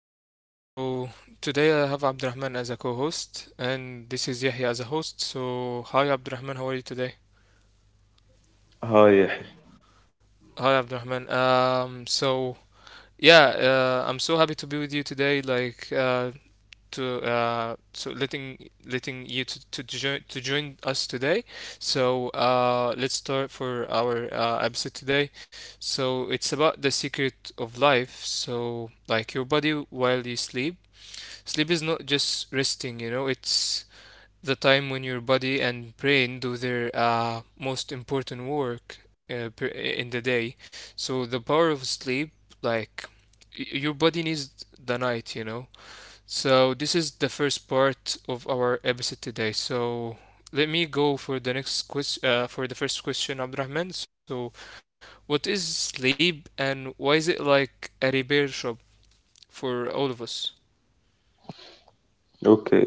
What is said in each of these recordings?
So today I have Abdurrahman as a co-host, and this is Yahya as a host. So hi Abdurrahman, how are you today? Hi. Hi Abdurrahman. So yeah, I'm so happy to be with you today. Like, to so letting you to join us today. So let's start for our episode today. So it's about the secret of life. So like your body while you sleep. Sleep is not just resting. You know, it's the time when your body and brain do their most important work in the day. So the power of sleep, like your body needs the night. You know, so this is the first part of our episode today. So let me go for the next question. For the first question, Abdurrahman. So what is sleep, and why is it like a repair shop for all of us? Okay.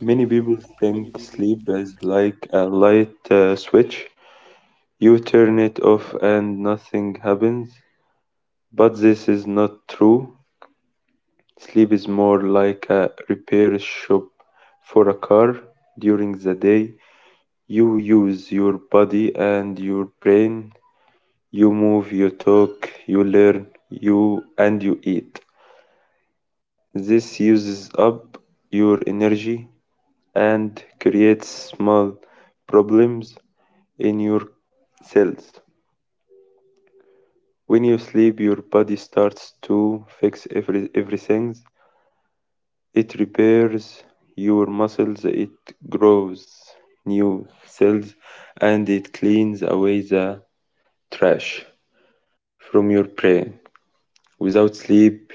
Many people think sleep is like a light switch. You turn it off and nothing happens. But this is not true. Sleep is more like a repair shop for a car. During the day, you use your body and your brain. You move, you talk, you learn, you and you eat. This uses up your energy and creates small problems in your cells. When you sleep, your body starts to fix everything. It repairs your muscles, it grows new cells, and it cleans away the trash from your brain. Without sleep,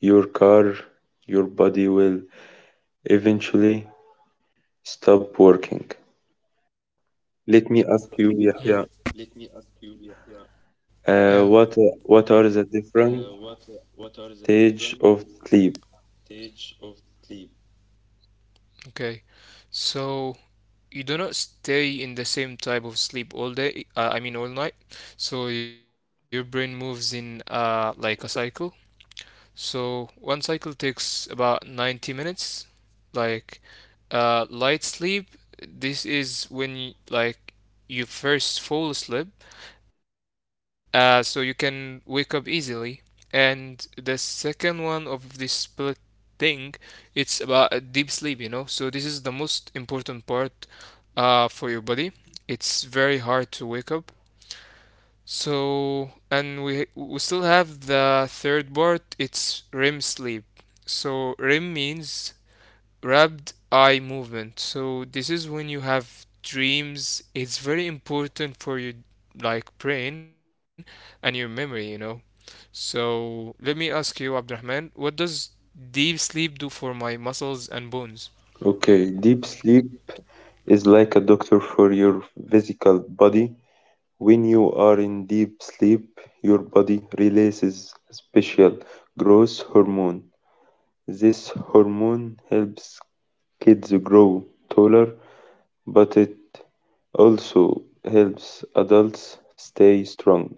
your car, your body will eventually stop working. Let me ask you, Yahya, Mm, uh, yeah. what are the different stage of sleep. Okay. So you do not stay in the same type of sleep all day. I mean all night. So your brain moves in like a cycle. So one cycle takes about 90 minutes. Like light sleep, this is when y like you first fall asleep, so you can wake up easily. And the second one of this split thing, it's about deep sleep, you know. So this is the most important part for your body. It's very hard to wake up. So, and we still have the third part, it's REM sleep. So REM means rapid eye movement. So this is when you have dreams. It's very important for your like brain and your memory, you know. So let me ask you, Abdurrahman, what does deep sleep do for my muscles and bones? Okay, deep sleep is like a doctor for your physical body. When you are in deep sleep, your body releases a special growth hormone. This hormone helps kids grow taller, but it also helps adults stay strong.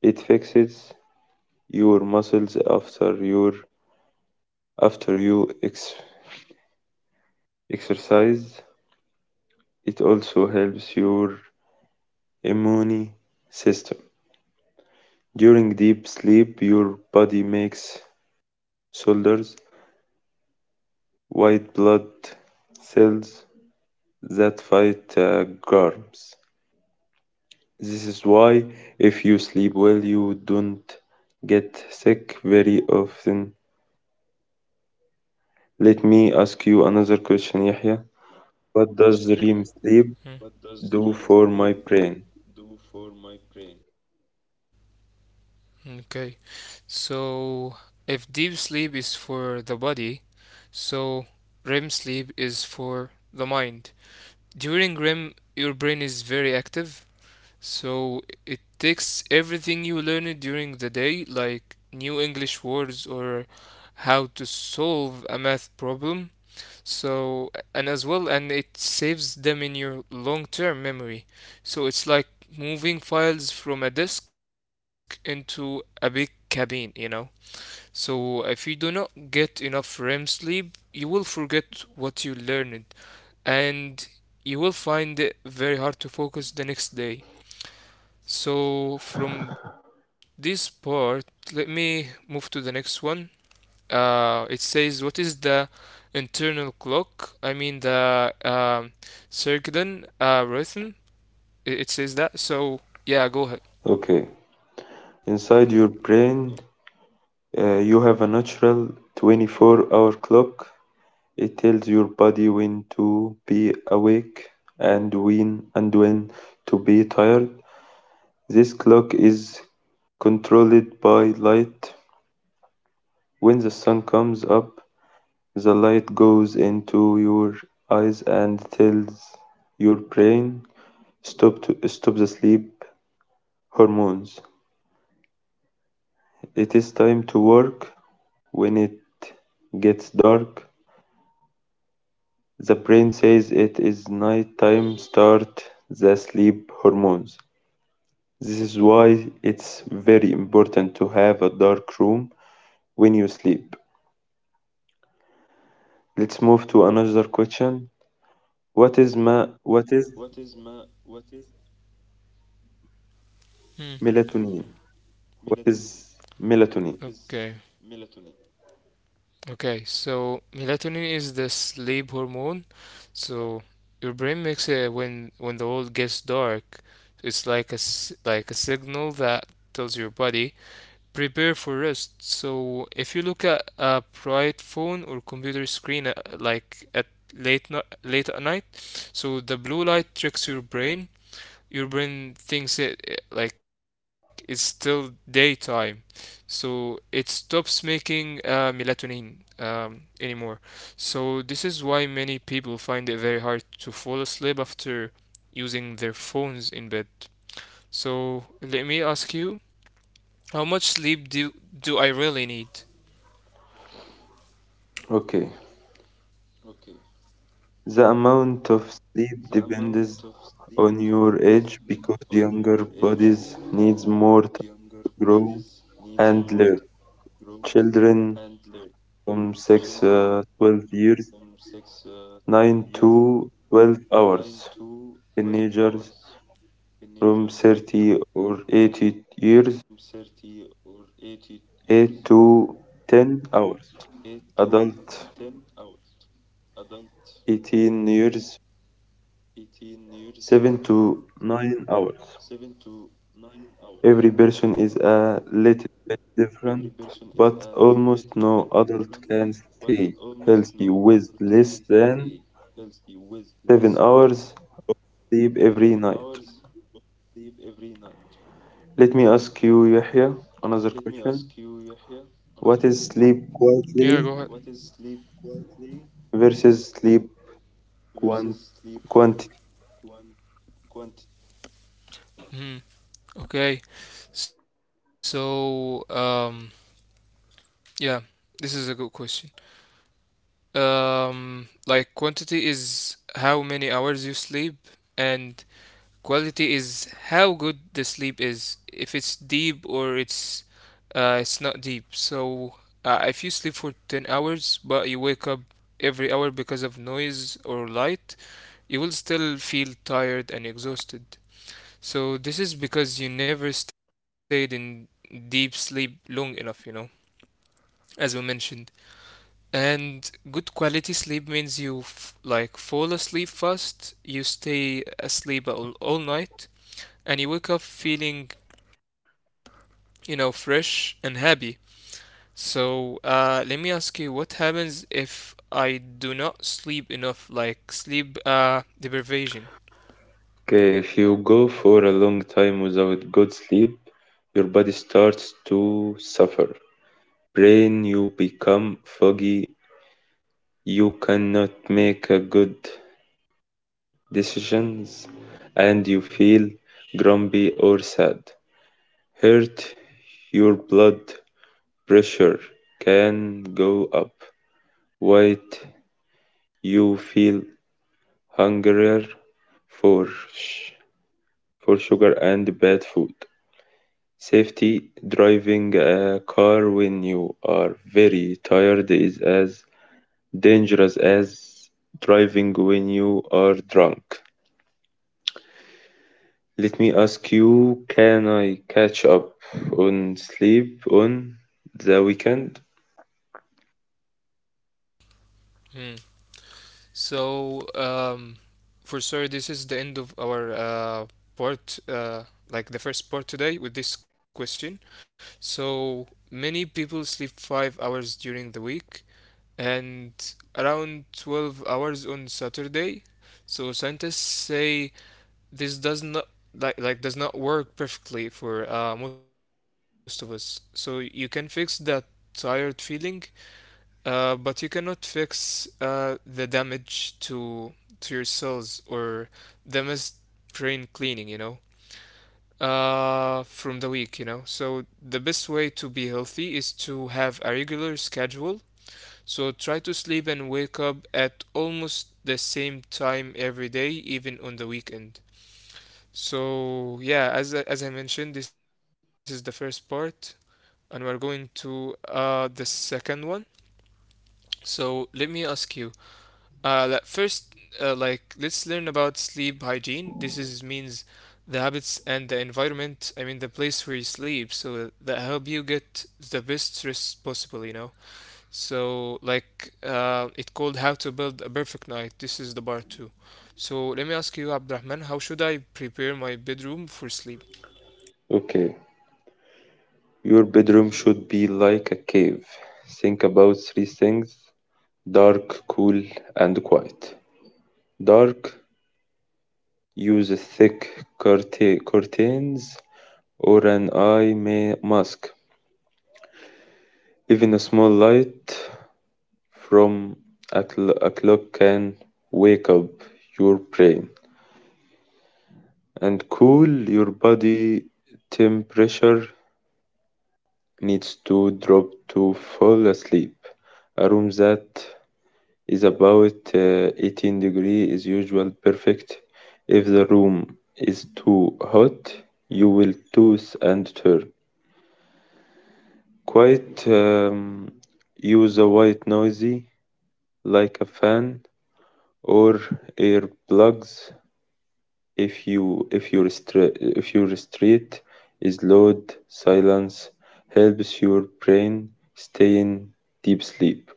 It fixes your muscles after you exercise. It also helps your immune system. During deep sleep, your body makes soldiers, white blood cells that fight germs. This is why, if you sleep well, you don't get sick very often. Let me ask you another question, Yahya. What does REM sleep Hmm. do for my brain? Okay. So if deep sleep is for the body, so REM sleep is for the mind. During REM, your brain is very active. So it takes everything you learned during the day, like new English words or how to solve a math problem. So, and as well, and it saves them in your long term memory. So it's like moving files from a disk into a big cabin, you know. So if you do not get enough REM sleep, you will forget what you learned and you will find it very hard to focus the next day. So from this part, let me move to the next one. It says, what is the internal clock? I mean the circadian rhythm. It says that. So yeah, go ahead. Okay, inside your brain, you have a natural 24-hour clock. It tells your body when to be awake and when to be tired. This clock is controlled by light. When the sun comes up, the light goes into your eyes and tells your brain stop to stop the sleep hormones. It is time to work. When it gets dark, the brain says it is night time, start the sleep hormones. This is why it's very important to have a dark room when you sleep. Let's move to another question. What is Hmm. melatonin? What is melatonin? Okay. Okay. So melatonin is the sleep hormone. So your brain makes it when the world gets dark. It's like a signal that tells your body prepare for rest. So if you look at a bright phone or computer screen like at late no- late at night, so the blue light tricks your brain. Your brain thinks it's still daytime, so it stops making melatonin anymore. So this is why many people find it very hard to fall asleep after using their phones in bed. So let me ask you, how much sleep do I really need? Okay. The amount of sleep depends on your age because younger bodies needs more to grow and learn. Children from 6 12 years, 9 to 12 hours. Teenagers from 30 or 80 years, 8 to 10 hours. Adult 18 years, 7 to 9 hours. Every person is a little bit different, but almost no adult can stay healthy with less than 7 hours sleep every night. Let me ask you, Yahya, another question. What is sleep quietly Yeah, go ahead. versus sleep quant- quantity. Hmm. Okay. So, yeah, this is a good question. Like quantity is how many hours you sleep, and quality is how good the sleep is. If it's deep or it's not deep. So, if you sleep for 10 hours, but you wake up every hour because of noise or light, you will still feel tired and exhausted. So this is because you never stayed in deep sleep long enough, you know, as we mentioned. And good quality sleep means you fall asleep fast, you stay asleep all night, and you wake up feeling, you know, fresh and happy. So let me ask you, what happens if I do not sleep enough, like sleep deprivation? Okay, if you go for a long time without good sleep, your body starts to suffer. Brain, you become foggy, you cannot make a good decisions, and you feel grumpy or sad. Hurt, your blood pressure can go up. White, you feel hungrier for for sugar and bad food. Safety, driving a car when you are very tired is as dangerous as driving when you are drunk. Let me ask you, can I catch up on sleep on the weekend? Hmm. So, for sure, this is the end of our part, like the first part today with this question. So, many people sleep 5 hours during the week and around 12 hours on Saturday. So, scientists say this does not like does not work perfectly for most of us. So you can fix that tired feeling, but you cannot fix the damage to your cells or the missed brain cleaning, you know, from the week, you know. So the best way to be healthy is to have a regular schedule. So try to sleep and wake up at almost the same time every day, even on the weekend. So yeah, as I mentioned, this is the first part, and we're going to the second one. So let me ask you first, let's learn about sleep hygiene. This is means the habits and the environment. I mean the place where you sleep, so that help you get the best rest possible. You know. So like it called how to build a perfect night. This is the part two. So let me ask you, Abdurrahman, how should I prepare my bedroom for sleep? Okay, your bedroom should be like a cave. Think about three things: dark, cool, and quiet. Dark, use thick curtains or an eye mask. Even a small light from a clock can wake up your brain. And cool, your body temperature needs to drop to fall asleep. A room that is about 18 degrees is usually perfect. If the room is too hot, you will toss and turn. Quite, use a white noisy, like a fan or earplugs, if your stre- if your street is loud. Silence helps your brain stay in deep sleep.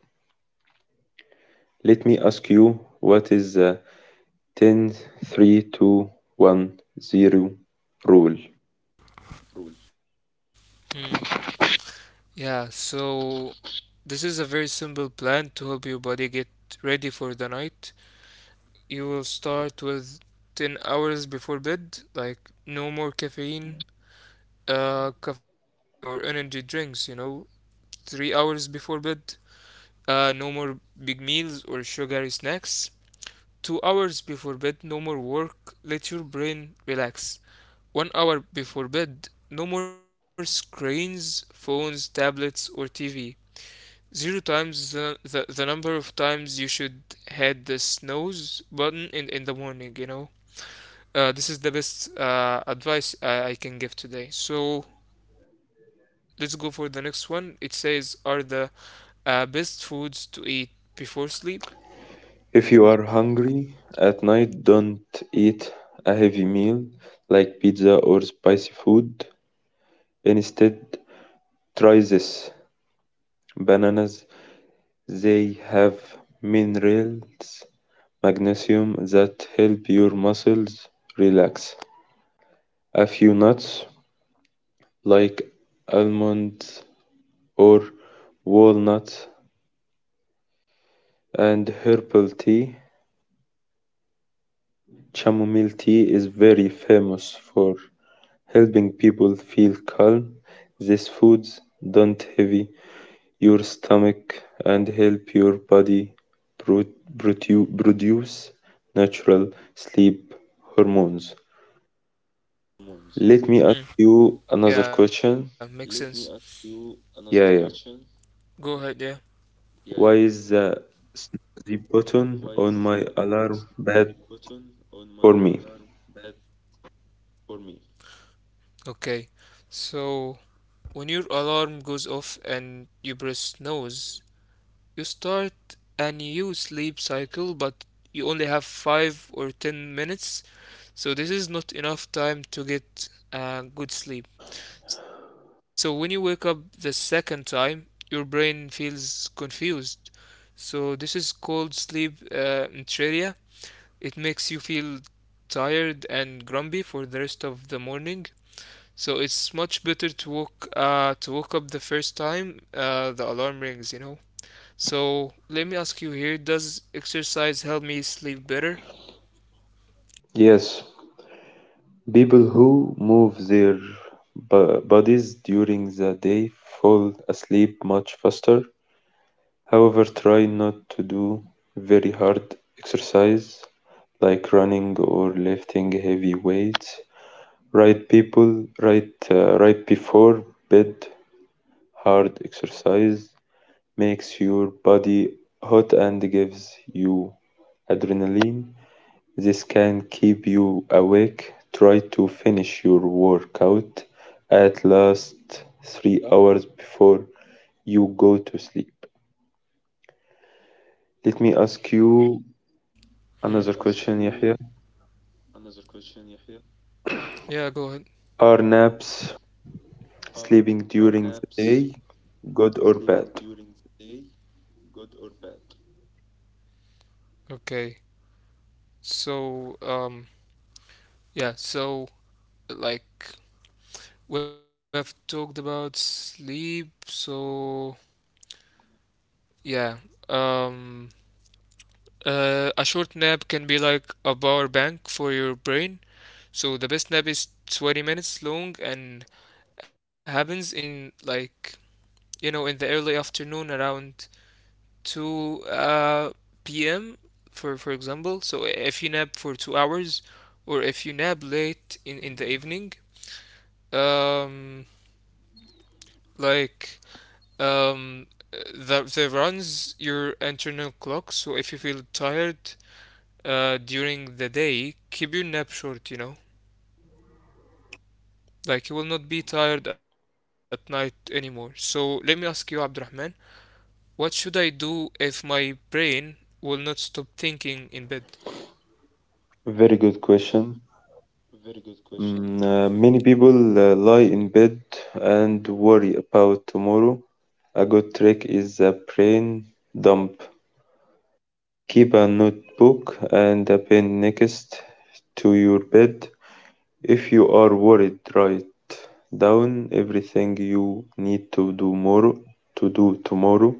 Let me ask you, what is the 10-3-2-1-0 rule? Hmm. Yeah. So this is a very simple plan to help your body get ready for the night. You will start with 10 hours before bed, like no more caffeine, coffee or energy drinks, you know, 3 hours before bed, no more big meals or sugary snacks, 2 hours before bed, no more work, let your brain relax, 1 hour before bed, no more screens, phones, tablets, or TV. Zero times the number of times you should hit the snooze button in the morning, you know? This is the best advice I can give today. So let's go for the next one. It says, are the best foods to eat before sleep? If you are hungry at night, don't eat a heavy meal like pizza or spicy food. Instead, try this: bananas. They have minerals, magnesium, that help your muscles relax. A few nuts, like almonds or walnuts, and herbal tea. Chamomile tea is very famous for helping people feel calm. These foods don't heavy your stomach and help your body pro- produce natural sleep hormones. Let me ask Mm. you another Yeah, makes question. sense. Me. Yeah, yeah. Go ahead, yeah. Why is the snooze button on my alarm bad for me? Okay, so when your alarm goes off and you press snooze, you start a new sleep cycle, but you only have 5 or 10 minutes, so this is not enough time to get good sleep. So when you wake up the second time, your brain feels confused. So this is called sleep inertia. It makes you feel tired and grumpy for the rest of the morning. So it's much better to wake up the first time the alarm rings, you know. So let me ask you here, does exercise help me sleep better? Yes, people who move their bodies during the day fall asleep much faster. However, try not to do very hard exercise like running or lifting heavy weights. Right before bed, hard exercise makes your body hot and gives you adrenaline. This can keep you awake. Try to finish your workout at least 3 hours before you go to sleep. Let me ask you Hmm. another question, Yahya. Yeah, go ahead. Are naps, sleeping during the day, good or bad? Okay. So, yeah, so like We have talked about sleep, so yeah. Um, a short nap can be like a power bank for your brain. So the best nap is 20 minutes long and happens in like, you know, in the early afternoon around 2 p.m. for example. So if you nap for 2 hours or if you nap late in the evening, um like Um, that runs your internal clock. So if you feel tired during the day, keep your nap short, you know. Like you will not be tired at night anymore. So let me ask you, Abdurrahman, what should I do if my brain will not stop thinking in bed? Very good question. Many people lie in bed and worry about tomorrow. A good trick is a brain dump. Keep a notebook and a pen next to your bed. If you are worried, write down everything you need to do more to do tomorrow.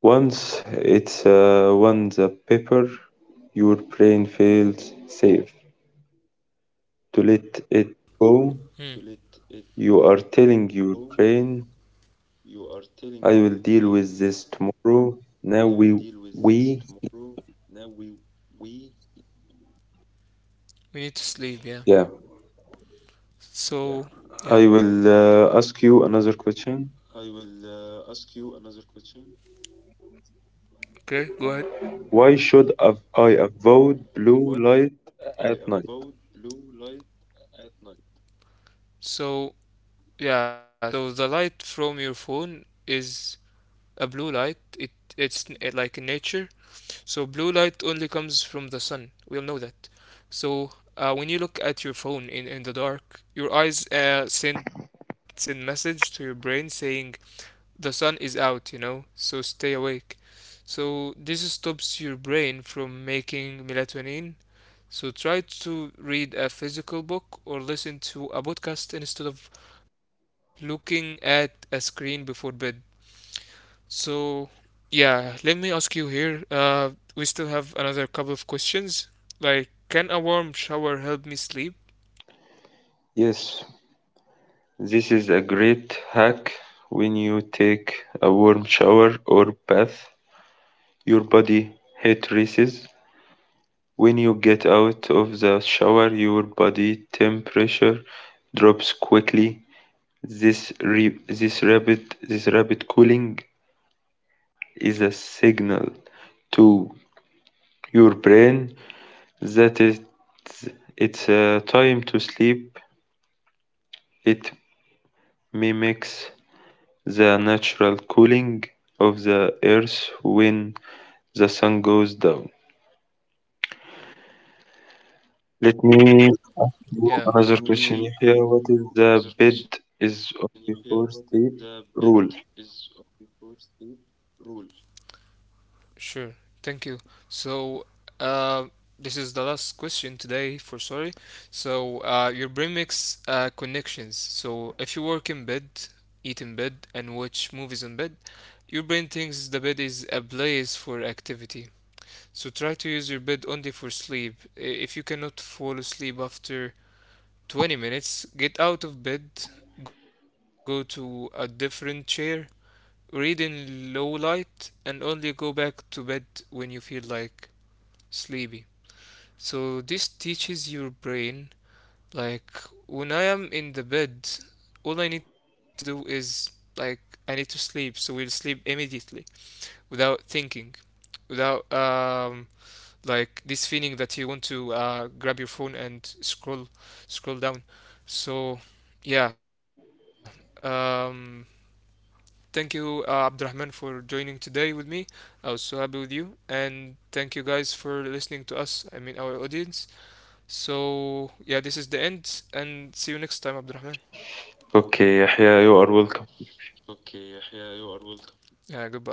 Once it's on the paper, your brain feels safe. To let it go, Hmm. you are telling your brain, "I will deal with this tomorrow." Now we We need to sleep, yeah. Yeah. yeah. So, yeah. I will ask you another question. Okay, go ahead. Why should I avoid blue light at night? So, yeah, so the light from your phone is a blue light. It it's n- like In nature, so blue light only comes from the sun, we all know that. So when you look at your phone in the dark, your eyes send message to your brain saying the sun is out, you know, so stay awake. So this stops your brain from making melatonin. So try to read a physical book or listen to a podcast instead of looking at a screen before bed. So, yeah, let me ask you here. We still have another couple of questions. Like, can a warm shower help me sleep? Yes, this is a great hack. When you take a warm shower or bath, your body heat rises. When you get out of the shower, your body temperature drops quickly. This rapid cooling is a signal to your brain that it's time to sleep. It mimics the natural cooling of the earth when the sun goes down. Let me ask you Yeah, another question, Yahya. What is the bed is only for sleep rule? sure. Thank you. So, uh, this is the last question today for sorry. So, your brain makes connections. So, if you work in bed, eat in bed, and watch movies in bed, your brain thinks the bed is a place for activity. So, try to use your bed only for sleep. If you cannot fall asleep after 20 minutes, get out of bed, go to a different chair, read in low light, and only go back to bed when you feel like sleepy. So this teaches your brain, like, when I am in the bed, all I need to do is, like, I need to sleep, so we'll sleep immediately without thinking, without like this feeling that you want to grab your phone and scroll down. So yeah, um, thank you, Abdurrahman, for joining today with me. I was so happy with you, and thank you guys for listening to us, I mean our audience. So yeah, this is the end, and see you next time, Abdurrahman. Okay, Yahya, you are welcome. Yeah, goodbye.